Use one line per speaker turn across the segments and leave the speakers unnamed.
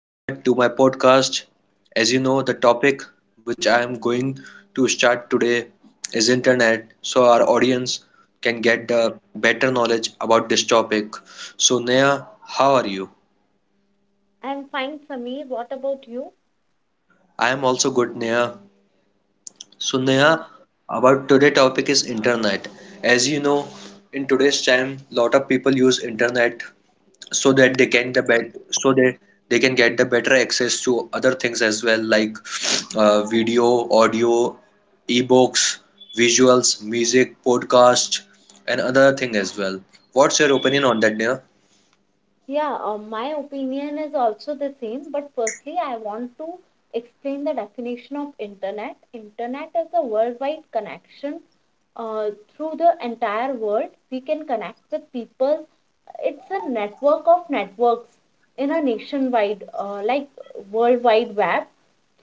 Neha, to my podcast. As you know, the topic which I am going to start today is internet, so our audience can get the better knowledge about this topic. So, Neha, how are you?
I'm fine, Sameer. What about you?
I am also good, Neha. So, Neha,
And
about today topic is internet. As you know, in today's time, lot of people use internet so that they can they can get the better access to other things as well, like video, audio, ebooks, visuals, music, podcast, and other thing as well. What's your opinion on that, Neha?
yeah, my opinion is also the same. But firstly, I want to explain the definition of internet. Is a worldwide connection, uh, through the entire world we can connect with people. It's a network of networks, in a nationwide, like worldwide web,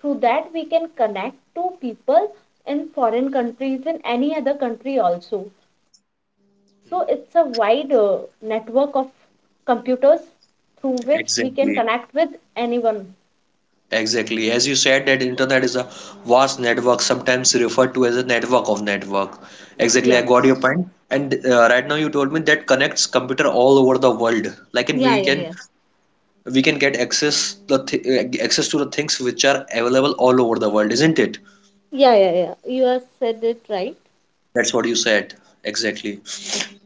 through that we can connect to people in foreign countries, in any other country also. So it's a wide,
Hmm.
network of computers through which we can
Exactly,
connect with anyone.
exactly. As you said, that internet is a vast network, sometimes referred to as a network of network. Exactly, I
yeah
got your point. And right now you told me that connects computer all over the world. Like, and
yeah
we
yeah
can
yeah
we can get access to the things which are available all over the world, isn't it?
Yeah, yeah, yeah. You have said it right.
That's what you said. Exactly.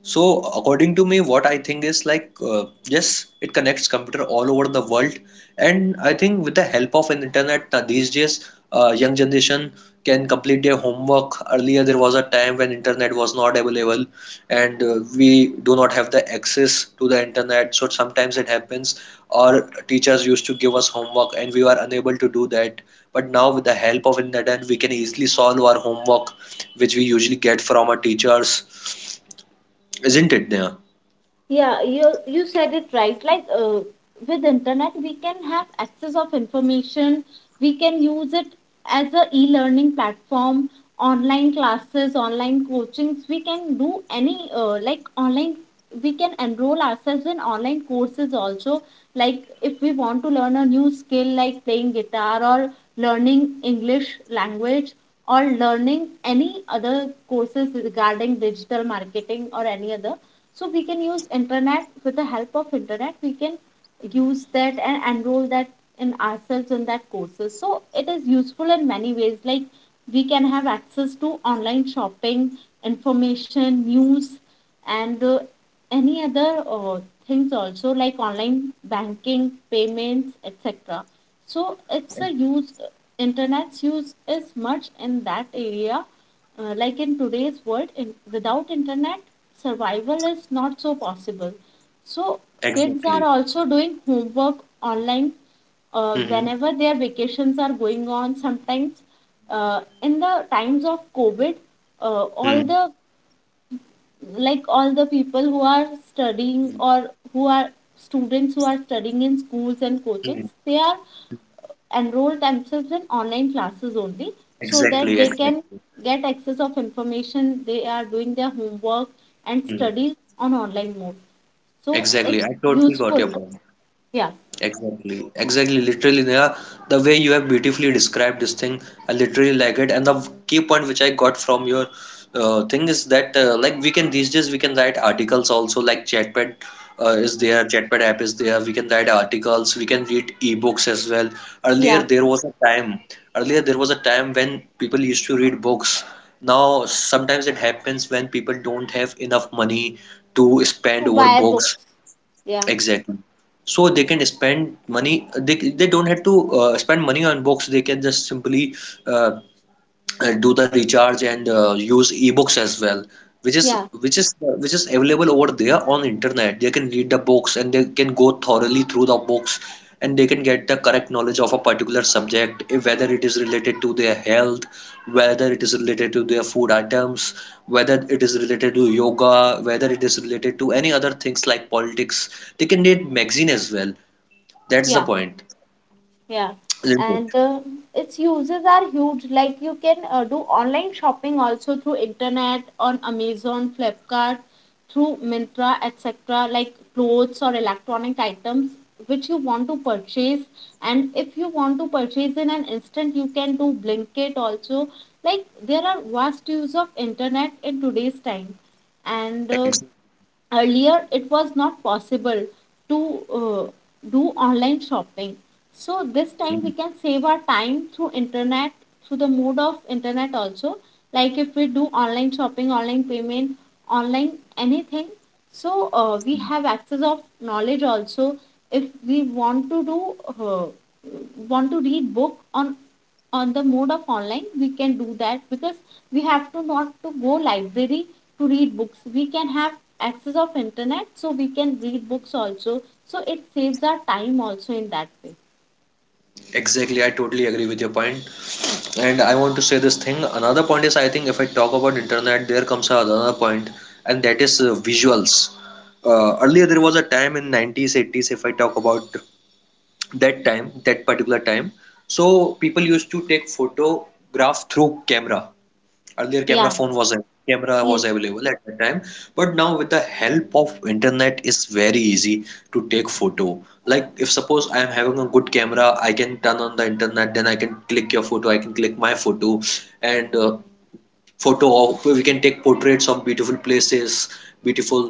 So, according to me, what I think is like, yes, it connects computer all over the world, and I think with the help of an internet these days, young generation can complete their homework. Earlier, there was a time when internet was not available, and we do not have the access to the internet. So sometimes it happens, our teachers used to give us homework, and we were unable to do that. But now, with the help of internet, we can easily solve our homework, which we usually get from our teachers, isn't it, Neha?
Yeah, you said it right. Like, with internet, we can have access of information. We can use it as a e-learning platform, online classes, online coachings. We can do any, like online. We can enroll ourselves in online courses also. Like if we want to learn a new skill, like playing guitar or learning English language, or learning any other courses regarding digital marketing or any other. So we can use internet. With the help of internet, we can use that and enroll that in ourselves in that courses. So it is useful in many ways. Like we can have access to online shopping, information, news, and any other, things also, like online banking, payments, etc. So it's a use internet's use is much in that area. Like in today's world, without internet, survival is not so possible. So kids are
Exactly.
also doing homework online,
Hmm.
whenever their vacations are going on. Sometimes, in the times of COVID, all
Hmm.
the like all the people who are studying, or who are students who are studying in schools and
Hmm.
coachings, they are enroll themselves in online classes only, so that
Exactly,
they can
exactly.
get access of information. They are doing their homework and
Hmm.
studies on online mode. So
Exactly.
it's
I totally got your
useful.
point.
yeah
Exactly, exactly. Literally, Neha, the way you have beautifully described this thing, I literally like it. And the key point which I got from your thing is that, like, we can these days we can write articles also. Like, Chatpad is there, Chatpad app is there. We can write articles. We can read ebooks as well. Earlier
yeah.
there was a time. Earlier there was a time when people used to read books. Now sometimes it happens when people don't have enough money to
To
spend over
buy
books.
books. yeah
Exactly. So they can spend money. They don't have to spend money on books. They can just simply uh, do the recharge and use ebooks as well, which is
yeah.
which is which is available over there on internet. They can read the books and they can go thoroughly through the books, and they can get the correct knowledge of a particular subject, eh, whether it is related to their health, whether it is related to their food items, whether it is related to yoga, whether it is related to any other things like politics. They can read magazine as well. That's the
yeah
point,
Yeah,
isn't
and
it?
uh, its uses are huge. Like you can, do online shopping also through internet, on Amazon, Flipkart, through Myntra, etc. Like clothes or electronic items which you want to purchase. And if you want to purchase in an instant, you can do Blinkit also. Like there are vast use of internet in today's time, and
Exactly.
earlier it was not possible to, uh, do online shopping. So this time we can save our time through internet, through the mode of internet also. Like if we do online shopping, online payment, online anything, so, we have access of knowledge also. If we want to do, want to read book on the mode of online, we can do that, because we have to not to go library to read books. We can have access of internet, so we can read books also. So it saves our time also in that way.
Exactly, I totally agree with your point. And I want to say this thing. Another point is, I think if I talk about internet, there comes another point, and that is visuals. Earlier, there was a time in 90s, 80s. If I talk about that particular time, so people used to take photograph through camera. Earlier
yeah
camera was
yes.
available at that time, but now with the help of internet it's very easy to take photo. Like if suppose I am having a good camera, I can turn on the internet, then I can click your photo, I can click my photo. And photo of we can take portraits of beautiful places, beautiful,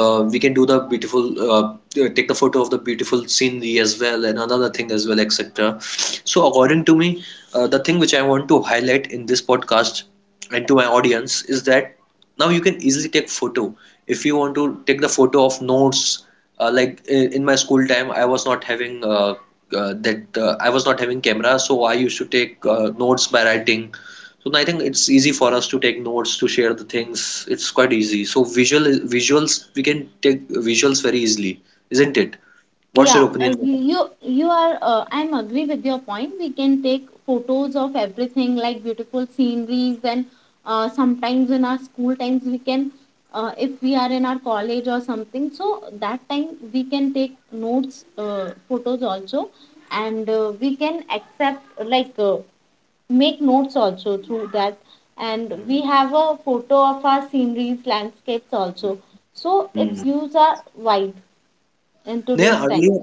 we can do the beautiful take the photo of the beautiful scenery as well and another thing as well, etc. So according to me, the thing which I want to highlight in this podcast and to my audience is that now you can easily take photo. If you want to take the photo of notes, like in my school time I was not having that I was not having camera, so I used to take notes by writing. So I think it's easy for us to take notes, to share the things. It's quite easy. So visuals, we can take visuals very easily, isn't it? What's your
Yeah,
opinion?
you you are. I'm agree with your point. We can take photos of everything, like beautiful sceneries, and, sometimes in our school times we can, if we are in our college or something, so that time we can take notes, photos also, and we can accept like, make notes also through that, and we
Hmm.
have a photo of our sceneries, landscapes also. So its
Hmm.
use are wide in today's
Neha,
time.
earlier,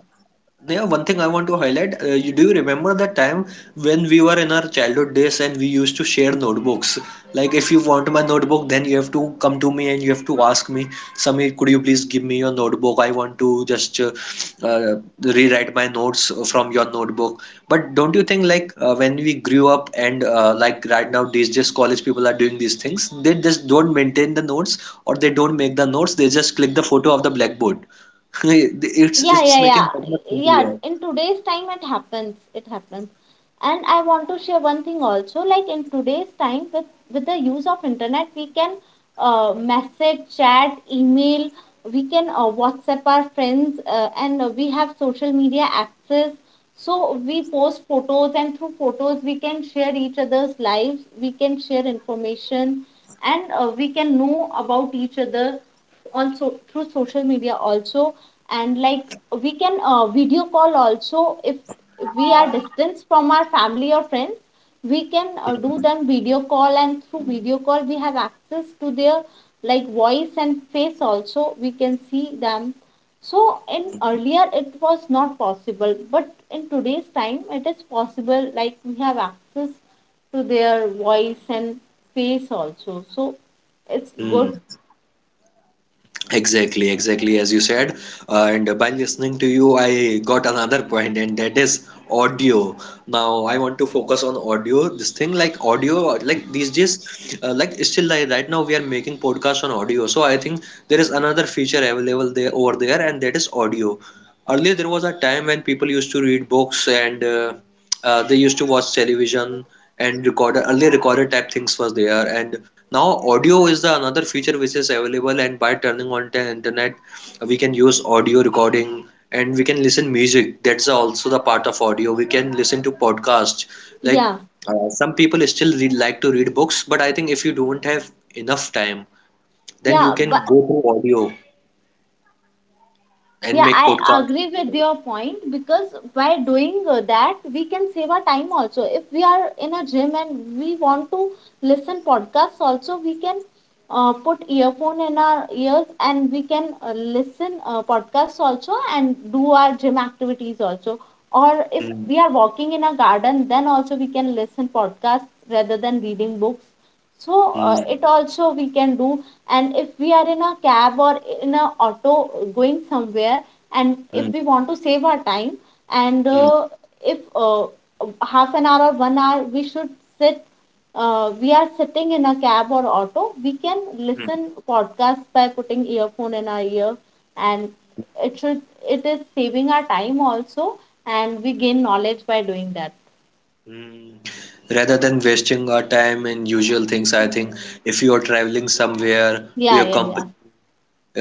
Neha, one thing I want to highlight, you, do you remember the time when we were in our childhood days and we used to share notebooks? Like, if you want my notebook, then you have to come to me and you have to ask me, Samir, could you please give me your notebook? I want to just rewrite my notes from your notebook. But don't you think, like, when we grew up and like right now, these just college people are doing these things, they just don't maintain the notes or they don't make the notes, they just click the photo of the blackboard. It's
yeah
it's
yeah
making that
yeah
much
yeah
simpler.
in today's time it happens. And I want to share one thing also. Like in today's time, with the use of internet, we can, message, chat, email. We can, WhatsApp our friends, and we have social media access, so we post photos, and through photos we can share each other's lives. We can share information, and we can know about each other on, so through social media also. And like, we can, video call also, if we are distance from our family or friends. We can, do them video call, and through video call we have access to their, like voice and face also. We can see them. So in earlier it was not possible, but in today's time it is possible. Like we have access to their voice and face also. So it's
Hmm.
good.
Exactly, exactly as you said. And by listening to you, I got another point, and that is audio. Now I want to focus on audio. This thing like audio, like these days, like still like right now we are making podcasts on audio. So I think there is another feature available there over there, and that is audio. Earlier there was a time when people used to read books and they used to watch television and record. Earlier recorded type things was there, and now audio is the another feature which is available, and by turning on the internet, we can use audio recording and we can listen music. That's also the part of audio. We can listen to podcasts. Like
yeah
some people still read, like to read books, but I think if you don't have enough time, then you
Yeah,
can
but
go through audio and
yeah,
make
I
podcasts.
agree with your point, because by doing, that, we can save our time also. If we are in a gym and we want to listen podcasts, also we can, put earphone in our ears, and we can, listen, podcasts also, and do our gym activities also. Or if
Hmm,
we are walking in a garden, then also we can listen podcasts rather than reading books. So,
hmm,
it also we can do. And if we are in a cab or in a auto going somewhere, and if
hmm,
we want to save our time, and
hmm,
if half an hour or 1 hour we should sit, we are sitting in a cab or auto. We can
hmm,
listen podcast by putting earphone in our ear, and it should it is saving our time also, and we gain knowledge by doing that.
hmm. Rather than wasting our time in usual things, I think if you are traveling somewhere to
yeah
your
yeah yeah
company,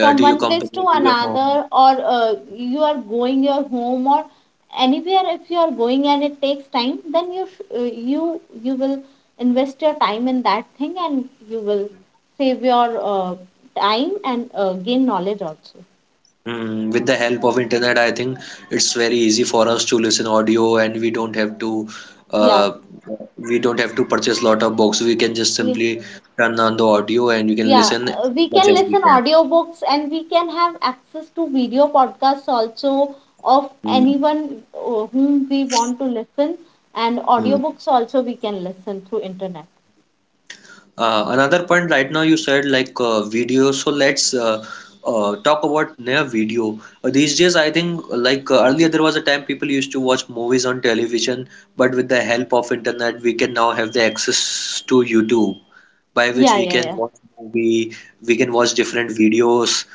to your
one place to
company, to your
another,
home.
or, you are going your home or anywhere, if you are going and it takes time, then you will invest your time in that thing, and you will save your, time, and gain knowledge also.
Mm, with the help of internet, I think it's very easy for us to listen audio, and we don't have to
yeah
uh, we don't have to purchase lot of books. We can just
Ye-
simply turn on the audio, and you can
yeah,
listen
we
much
can
as we
listen
can.
audiobooks, and we can have access to video podcasts also, of
Mm,
anyone, whom we want to listen. And
mm.
audiobooks also we can listen through internet.
Another point right now you said like video, so let's talk about near video. Uh, these days I think like earlier there was a time people used to watch movies on television, but with the help of internet we can now have the access to YouTube, by which
Yeah,
we
yeah,
can
yeah.
watch movie, we can watch different videos,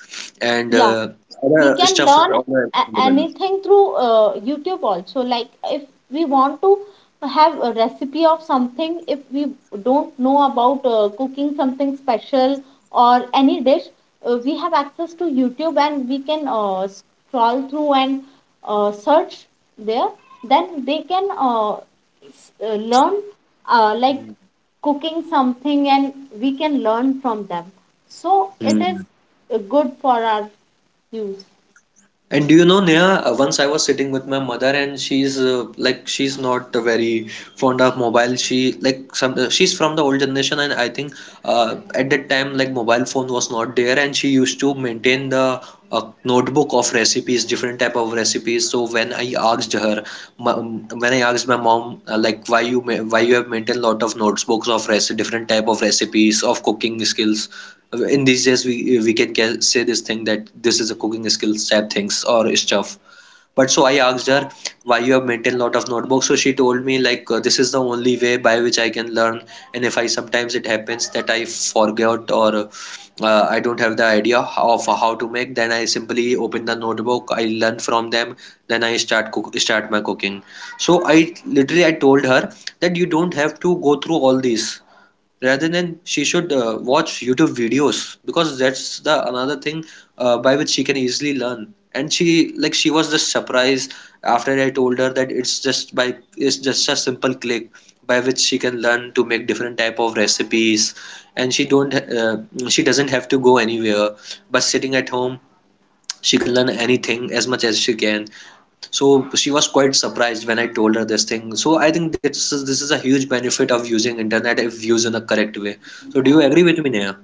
and
Yeah. We
other
can
stuff is
learn
all available.
anything through, YouTube also. Like if we want to have a recipe of something, if we don't know about, cooking something special or any dish, we have access to YouTube, and we can, scroll through and, search there. Then they can, learn, like cooking something, and we can learn from them. So it is,
Hmm.
good for our use.
And do you know, Neha, once I was sitting with my mother and she's like she's not very fond of mobile. She like some she's from the old generation, and I think at that time like mobile phone was not there, and she used to maintain the notebook of recipes, different type of recipes. So when I asked her, when I asked my mom like why you have maintained lot of notebooks of rec different type of recipes of cooking skills, in these days we can say this thing that this is a cooking skill type things or stuff. But so I asked her why you have maintained lot of notebooks, so she told me like this is the only way by which I can learn, and if I sometimes it happens that I forget or I don't have the idea of how to make, then I simply open the notebook, I learn from them, then I start my cooking. So I literally I told her that you don't have to go through all these, rather than she should watch YouTube videos, because that's the another thing by which she can easily learn. And she like she was just surprised after I told her that it's just a simple click by which she can learn to make different type of recipes, and she don't she doesn't have to go anywhere, but sitting at home she can learn anything as much as she can. So she was quite surprised when I told her this thing. So I think this is a huge benefit of using internet if used in a correct way. So do you agree with me, Neha?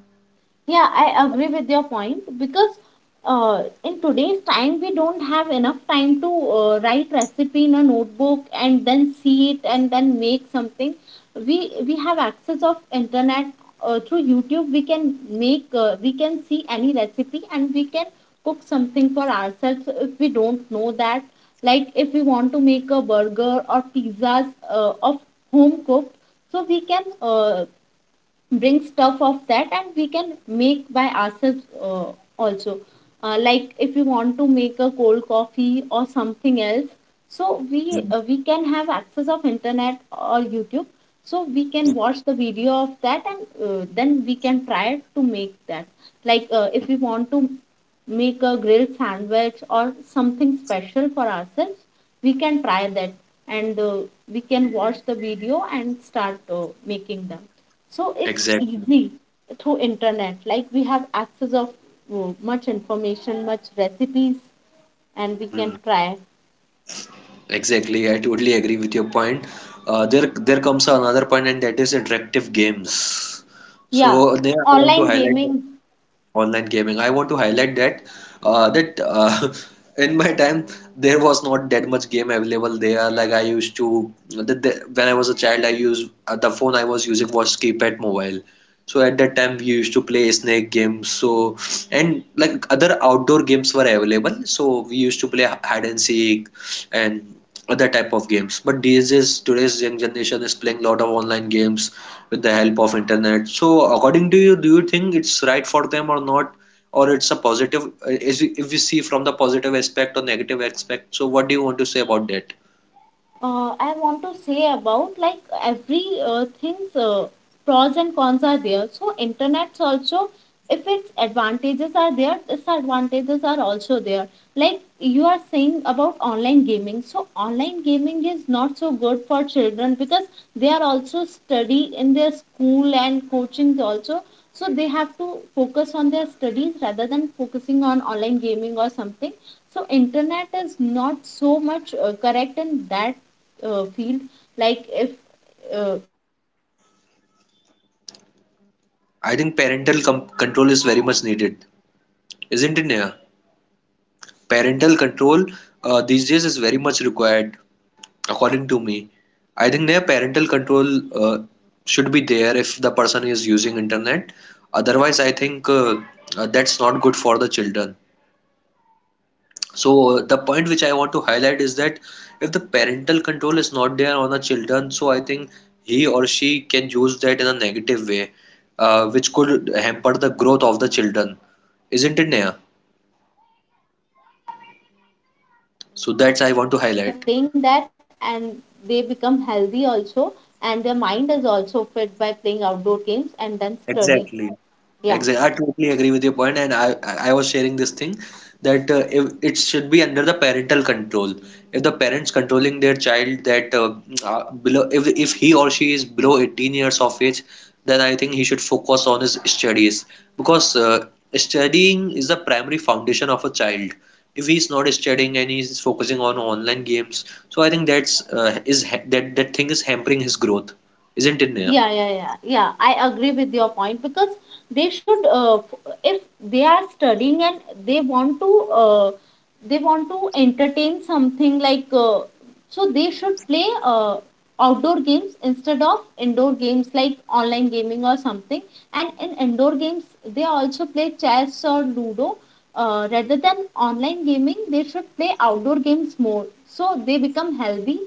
Yeah, I agree with your point, because, in today's time we don't have enough time to, write recipe in a notebook and then see it and then make something. We have access of internet, through YouTube. We can make we can see any recipe, and we can cook something for ourselves if we don't know that. Like if we want to make a burger or pizzas, of home cooked, so we can, bring stuff of that, and we can make by ourselves, also. Like if you want to make a cold coffee or something else, so
Mm.
we can have access of internet or YouTube. So we can watch the video of that, and then we can try to make that. Like, if we want to make a grilled sandwich or something special for ourselves, we can try that, and we can watch the video and start, making them. So it's
Exactly.
easy through internet. Like we have access of, much information, much recipes, and we can
Mm.
try.
Exactly. I totally agree with your point. There comes another point, and that is interactive games.
Yeah,
So Neha, I want to
online
highlight.
gaming.
Online gaming. I want to highlight that in my time there was not that much game available there. Like I used to the, when I was a child, I used the phone I was using was keypad mobile. So at that time we used to play snake games. So and like other outdoor games were available, so we used to play hide and seek and other type of games. But these days, today's young generation is playing a lot of online games with the help of internet. So according to you, do you think it's right for them or not? Or it's a positive, as if we see from the positive aspect or negative aspect. So what do you want to say about that?
I want to say about like every, things, pros and cons are there. So internet's also, if its advantages are there, disadvantages are also there. Like you are saying about online gaming. So online gaming is not so good for children, because they are also study in their school and coachings also. So they have to focus on their studies rather than focusing on online gaming or something. So internet is not so much, correct in that, field. Like if, in terms of online gaming, so it wastes,
I think parental control
students
is very
or
much needed,
children
isn't it,
timing,
Neha?
because they have to study
Parental
for their
control
future,
these days
and
is
they
very
should
much
not
required,
focus on online gaming.
according to
Rather
me.
than, they
I think
should
their
play
parental
outdoor
control
games like
uh,
football,
should be
volleyball,
there if the
basketball,
person is using
badminton,
internet.
etc.
Otherwise,
They
I think
become
that's
their
not good
healthy
for the
also,
children.
and if they are playing
So
online
the
game
point which
much,
I want to
their
highlight
eyes
is that
also
if
affected
the
by that,
parental
their
control
health
is not
also
there on the
affected,
children, so I
and
think
uh, their
he or
study
she can
also
use that in
affected
a
by that.
negative way,
But if they are
which
playing
could
outdoor
hamper the
games
growth
like
of the children,
earlier, like
isn't it,
cricket,
Neha?
volleyball, basketball, so they should become
So
fit by
that's I
that,
want to highlight.
by playing that, and they become healthy also, and their mind is also fit by playing outdoor games and then study.
Exactly.
yeah
Exactly. I totally agree with your point, and I was sharing this thing that if it should be under the parental control. If the parents controlling their child that below if he or she is below 18 years of age, then I think he should focus on his studies because studying is the primary foundation of a child. If he's not studying and he's focusing on online games, so I think that thing is hampering his growth, isn't it, Neha?
Yeah, I agree with your point, because they should, if they are studying, and they want to, uh, they want to entertain something like, so they should play, outdoor games instead of indoor games like online gaming or something. And in indoor games, they also play chess or ludo. Rather than online gaming, they should play outdoor games more, so they become healthy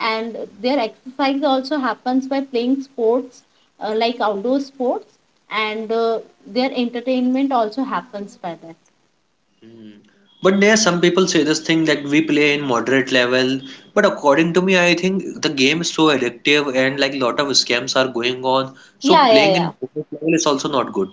and their exercise also happens by playing sports, like outdoor sports, and their entertainment also happens by that.
But there some people say this thing that we play in moderate level. But according to me, I think the game is so addictive and like lot of scams are going on. So
Yeah, yeah,
playing
yeah.
in moderate level is also not good.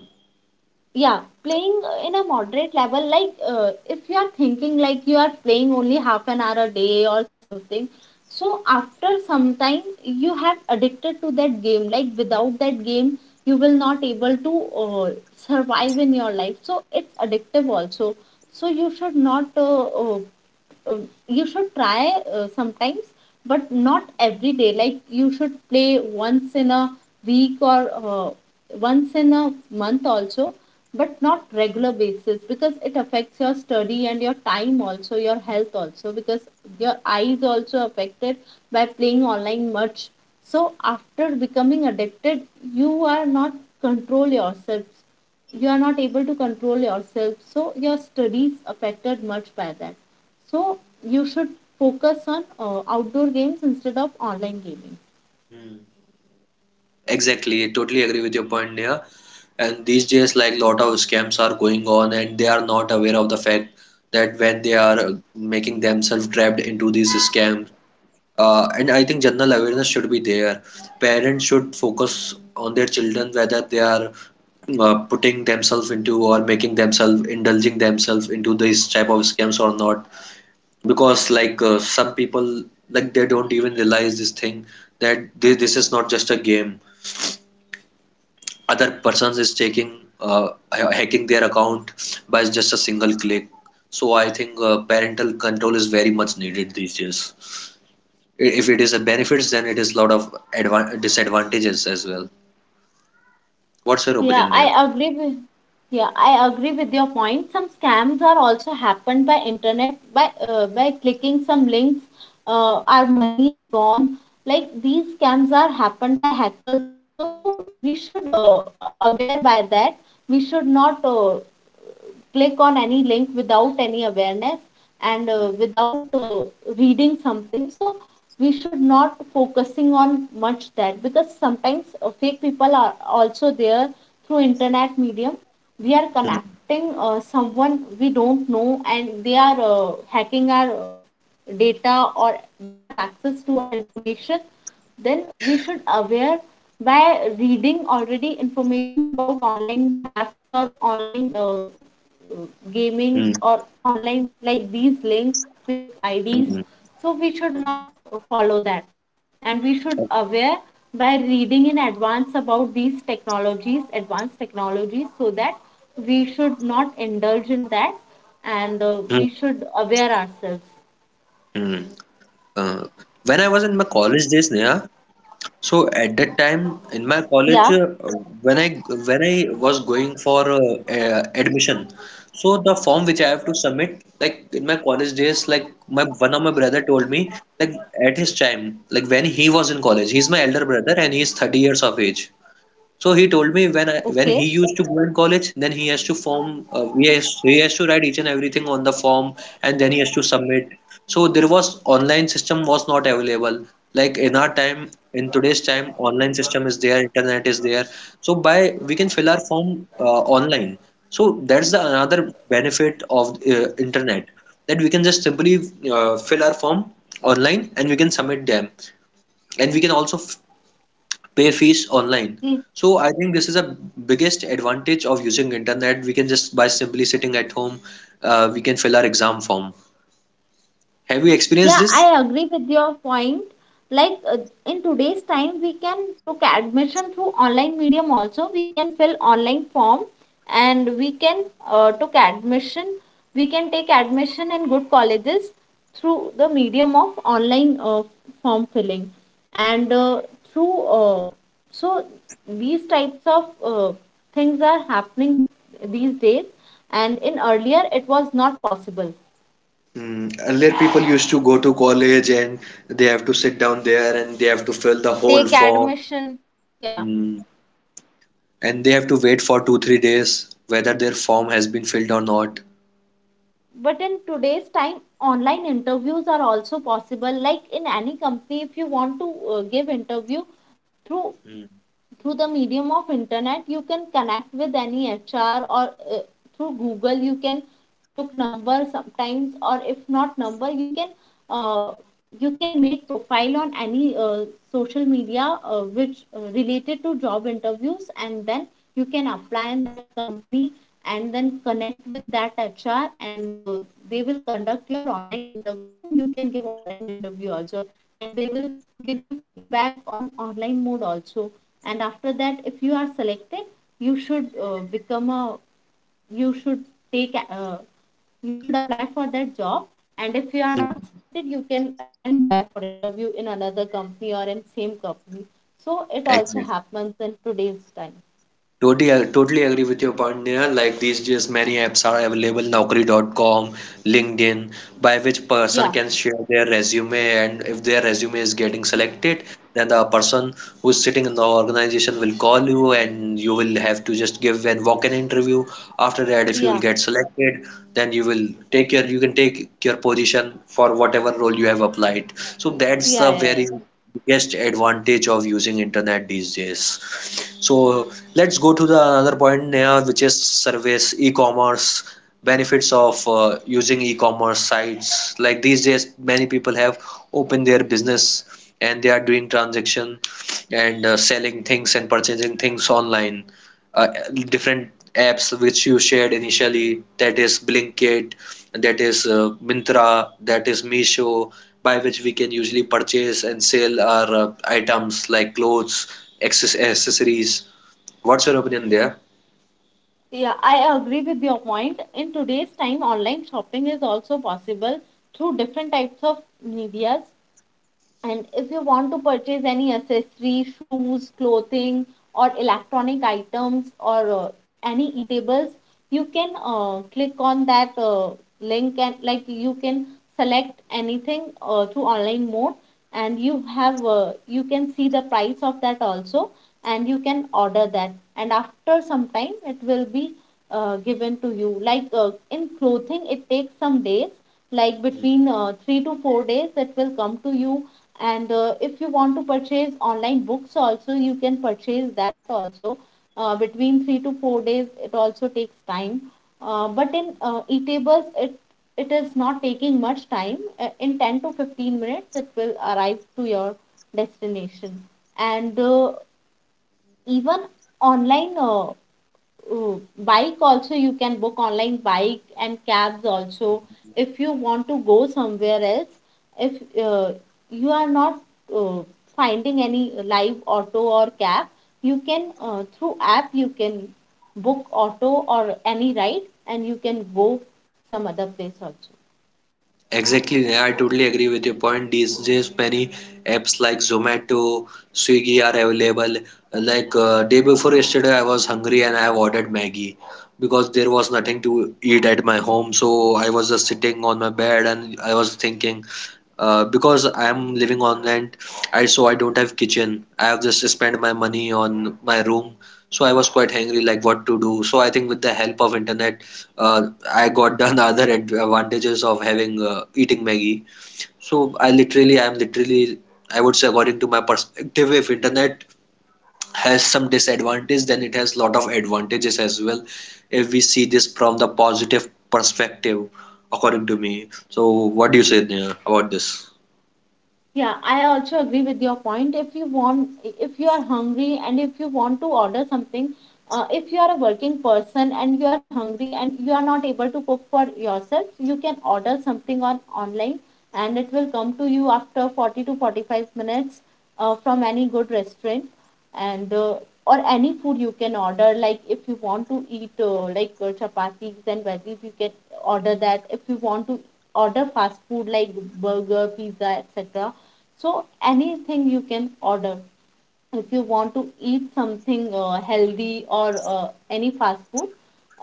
Yeah, playing in a moderate level, like if you are thinking like you are playing only half an hour a day or something, so after some time you have addicted to that game, like without that game you will not able to survive in your life, so it's addictive also. So you should not uh, you should try sometimes, but not every day. Like you should play once in a week, or uh, once in a month also, but not regular basis, because it affects your study and your time also, your health also, because your eyes also affected by playing online much. So after becoming addicted, you are not control yourselves, you are not able to control yourself, so your studies affected much by that. So you should focus on outdoor games instead of online gaming.
Hmm. Exactly, I totally agree with your point there. And these days, like lot of scams are going on, and they are not aware of the fact that when they are making themselves trapped into these scams. And I think general awareness should be there. Parents should focus on their children whether they are putting themselves into or making themselves indulging themselves into these type of scams or not. Because like some people, like they don't even realize this thing that this is not just a game. Other persons is taking hacking their account by just a single click. So I think parental control is very much needed these days. If it is a benefits, then it is a lot of advan disadvantages as well. What's your
Yeah,
opinion there?
I agree with yeah, I agree with your point. Some scams are also happened by internet by clicking some links. Our money is gone. Like these scams are happened by hackers also. So we should aware by that. We should not click on any link without any awareness and without reading something, so we should not focusing on much that, because sometimes fake people are also there. Through internet medium we are connecting someone we don't know, and they are hacking our data, or they have access to our information. Then we should aware by reading already information about online theft or online gaming,
Hmm.
or online like these links, fake ids.
Hmm.
So we should not follow that, and we should aware by reading in advance about these technologies, advanced technologies, so that we should not indulge in that, and
Hmm.
we should aware ourselves.
Hmm. Uh, when I was in my college days, Neha, so at that time in my college,
Yeah.
when I was going for admission, so the form which I have to submit, like in my college days, like my one of my brother told me, like at his time, like when he was in college. He's my elder brother and he's 30 years of age. So he told me when he
Okay.
used to go in college, then he has to write each and everything on the form, and then he has to submit. So there was online system was not available. Like in our time, in today's time, online system is there, internet is there. So by we can fill our form online. So that's the another benefit of internet, that we can just simply fill our form online, and we can submit them, and we can also pay fees online.
We.
So I think this is a biggest advantage of using internet. We can just by simply sitting at home, we can fill our exam form. Have you experienced
Yeah,
this?
I agree with your point. Like in today's time, we can book admission through online medium also. We can fill online form and we can took admission. We can take admission in good colleges through the medium of online form filling, and through so these types of things are happening these days, and in earlier it was not possible.
Mm, earlier, people used to go to college, and they have to sit down there, and they have to fill the whole
Take
form.
admission. Yeah.
Mm, and they have to wait for 2, 3 days whether their form has been filled or not.
But in today's time, online interviews are also possible, like in any company if you want to give interview through
Mm.
through the medium of internet, you can connect with any HR, or uh, through Google you can took number sometimes, or if not number uh, you can make profile on any social media which related to job interviews, and then you can apply in that company, and then connect with that HR, and they will conduct your online interview, and you can give online interview also, and they will give you feedback on online mode also. And after that, if you are selected, you should you should take you should apply for that job. And if you are not
Hmm,
selected, you can again try for interview in another company or in same company, so it also
exactly.
happens in today's time.
Totally, totally agree with your point, Neha. Like these days, many apps are available, Naukri.com, LinkedIn, by which person
Yeah
can share their resume, and if their resume is getting selected, then the person who's sitting in the organization will call you, and you will have to just give an walk-in interview. After that, if you
yeah,
will get selected, then you can take your position for whatever role you have applied. So that's
yeah,
the
yeah. Yeah.
very biggest advantage of using internet these days. So let's go to the another point now, which is service e-commerce, benefits of using e-commerce sites. Like these days, many people have opened their business and they are doing transaction and selling things and purchasing things online, uh, different apps which you shared initially, that is Blinkit, that is Myntra, that is Meesho, by which we can usually purchase and sell our items like clothes, accessories. What's your opinion there?
Yeah, I agree with your point. In today's time, online shopping is also possible through different types of medias. And if you want to purchase any accessory, shoes, clothing, or electronic items, or any eatables, you can click on that link, and like you can select anything through online mode, and you have you can see the price of that also, and you can order that. And after some time, it will be given to you. Like in clothing, it takes some days, like between 3 to 4 days, it will come to you. And if you want to purchase online books also, you can purchase that also. Uh, between 3 to 4 days it also takes time. Uh, but in e-tables, it is not taking much time. Uh, in 10 to 15 minutes it will arrive to your destination. And even online bike also, you can book online bike and cabs also, if you want to go somewhere else. If uh, you are not uh, finding any live auto or cab, you can through app you can book auto or any ride, and you can go some other place also.
Exactly, yeah, I totally agree with your point. These days, many apps like Zomato, Swiggy are available. Like day before yesterday, I was hungry and I have ordered Maggie because there was nothing to eat at my home. So I was just sitting on my bed and I was thinking, because I am living on rent, I so I don't have kitchen. I have just spent my money on my room. So I was quite hungry, like what to do. So I think with the help of internet, I got done the other advantages of having eating Maggie. So I'm literally, I would say, according to my perspective, if internet has some disadvantage, then it has lot of advantages as well. If we see this from the positive perspective, according to me. So what do you say, Neha, about this?
Yeah, I also agree with your point. If you want, if you are hungry and if you want to order something, if you are a working person and you are hungry and you are not able to cook for yourself, you can order something on online, and it will come to you after 40 to 45 minutes, from any good restaurant. And or any food you can order. Like if you want to eat chapatis and veggies, you can order that. If we want to order fast food like burger, pizza, etc., so anything you can order. If you want to eat something healthy, or any fast food,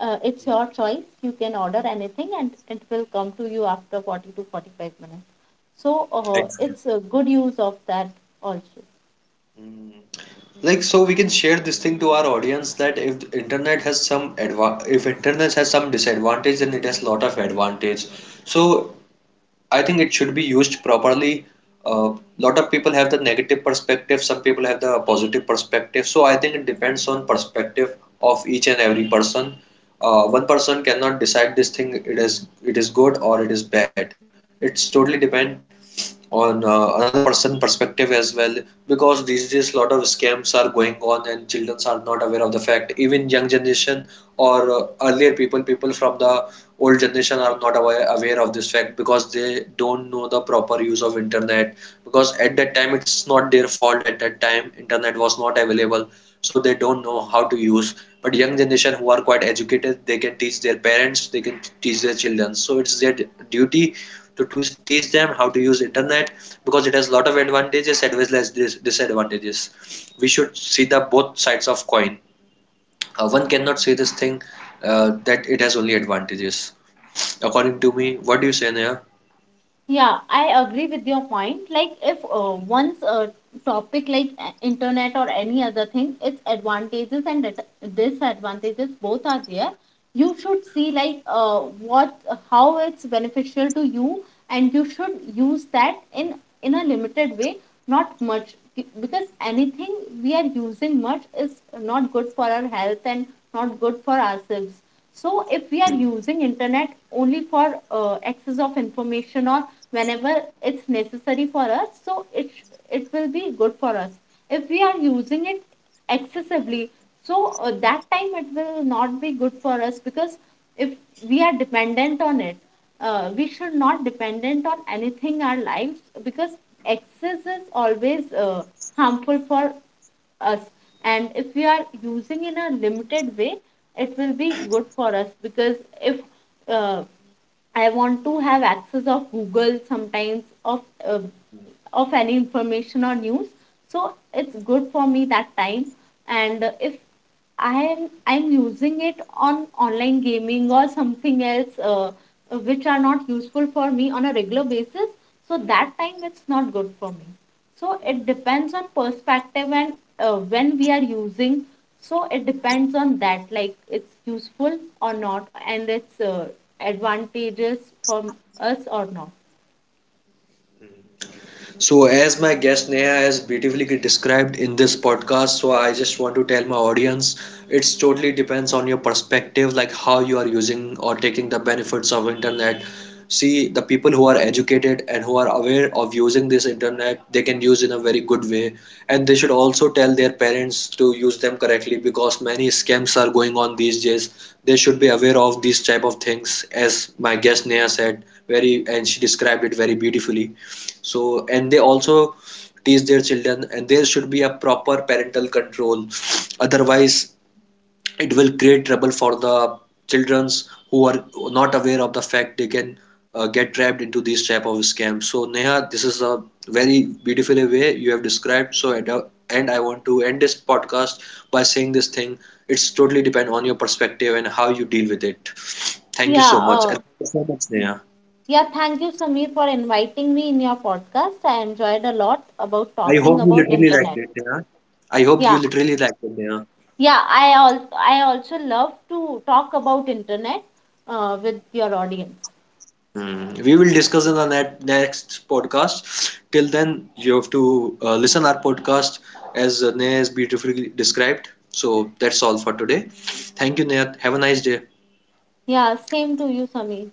it's your choice, you can order anything, and it will come to you after 40 to 45 minutes. So
Exactly.
it's a good use of that also.
Mm. Like, so we can share this thing to our audience, that if the internet has some adva if internet has some disadvantage, then it has lot of advantage. So I think it should be used properly. A lot of people have the negative perspective, some people have the positive perspective. So I think it depends on perspective of each and every person. One person cannot decide this thing, it is good or it is bad. It's totally depend on another person perspective as well, because these days a lot of scams are going on and children are not aware of the fact, even young generation or earlier people, from the old generation are not aware of this fact because they don't know the proper use of internet, because at that time it's not their fault, at that time internet was not available, so they don't know how to use. But young generation who are quite educated, they can teach their parents, they can teach their children, so it's their duty to teach them how to use internet because it has a lot of advantages as well as disadvantages. We should see the both sides of coin. One cannot say this thing that it has only advantages, according to me. What do you say, Neha?
Yeah, I agree with your point. Like, if once a topic like internet or any other thing, its advantages and disadvantages both are there. You should see like what how it's beneficial to you, and you should use that in a limited way, not much. Because anything we are using much is not good for our health, and not good for ourselves. So if we are
Hmm.
using internet only for access of information, or whenever it's necessary for us, so it will be good for us. If we are using it excessively, so that time it will not be good for us. Because if we are dependent on it, we should not dependent on anything our lives, because excess is always harmful for us. And if we are using in a limited way, it will be good for us, because if uh, I want to have access of google sometimes, uh, of any information or news, so it's good for me that time. And if I'm using it on online gaming or something else, which are not useful for me on a regular basis, so that time it's not good for me. So it depends on perspective and when we are using. So it depends on that, like it's useful or not, and it's advantageous for us or not.
So, as my guest Neha has beautifully described in this podcast, so I just want to tell my audience, it's totally depends on your perspective, like how you are using or taking the benefits of internet. See, the people who are educated and who are aware of using this internet, they can use in a very good way, and they should also tell their parents to use them correctly, because many scams are going on these days. They should be aware of these type of things, as my guest Neha said very, and she described it very beautifully. So and they also teach their children, and there should be a proper parental control. Otherwise, it will create trouble for the childrens who are not aware of the fact, they can get trapped into these type of scams. So Neha, this is a very beautiful way you have described. So at the end, I want to end this podcast by saying this thing, it's totally depend on your perspective and how you deal with it. Thank you
Yeah.
so much, and thank you so much, Neha.
Yeah. Thank you, Samir, for inviting me in your podcast. I enjoyed a lot about
I
talking
hope you
about
literally liked
internet.
it, yeah. I hope you
Yeah,
literally liked it, yeah.
yeah I also love to talk about internet with your audience.
Hmm. We will discuss in the next podcast. Till then, you have to listen our podcast as Neha has beautifully described. So that's all for today. Thank you, Neha. Have a nice day.
Yeah, same to you, Sami.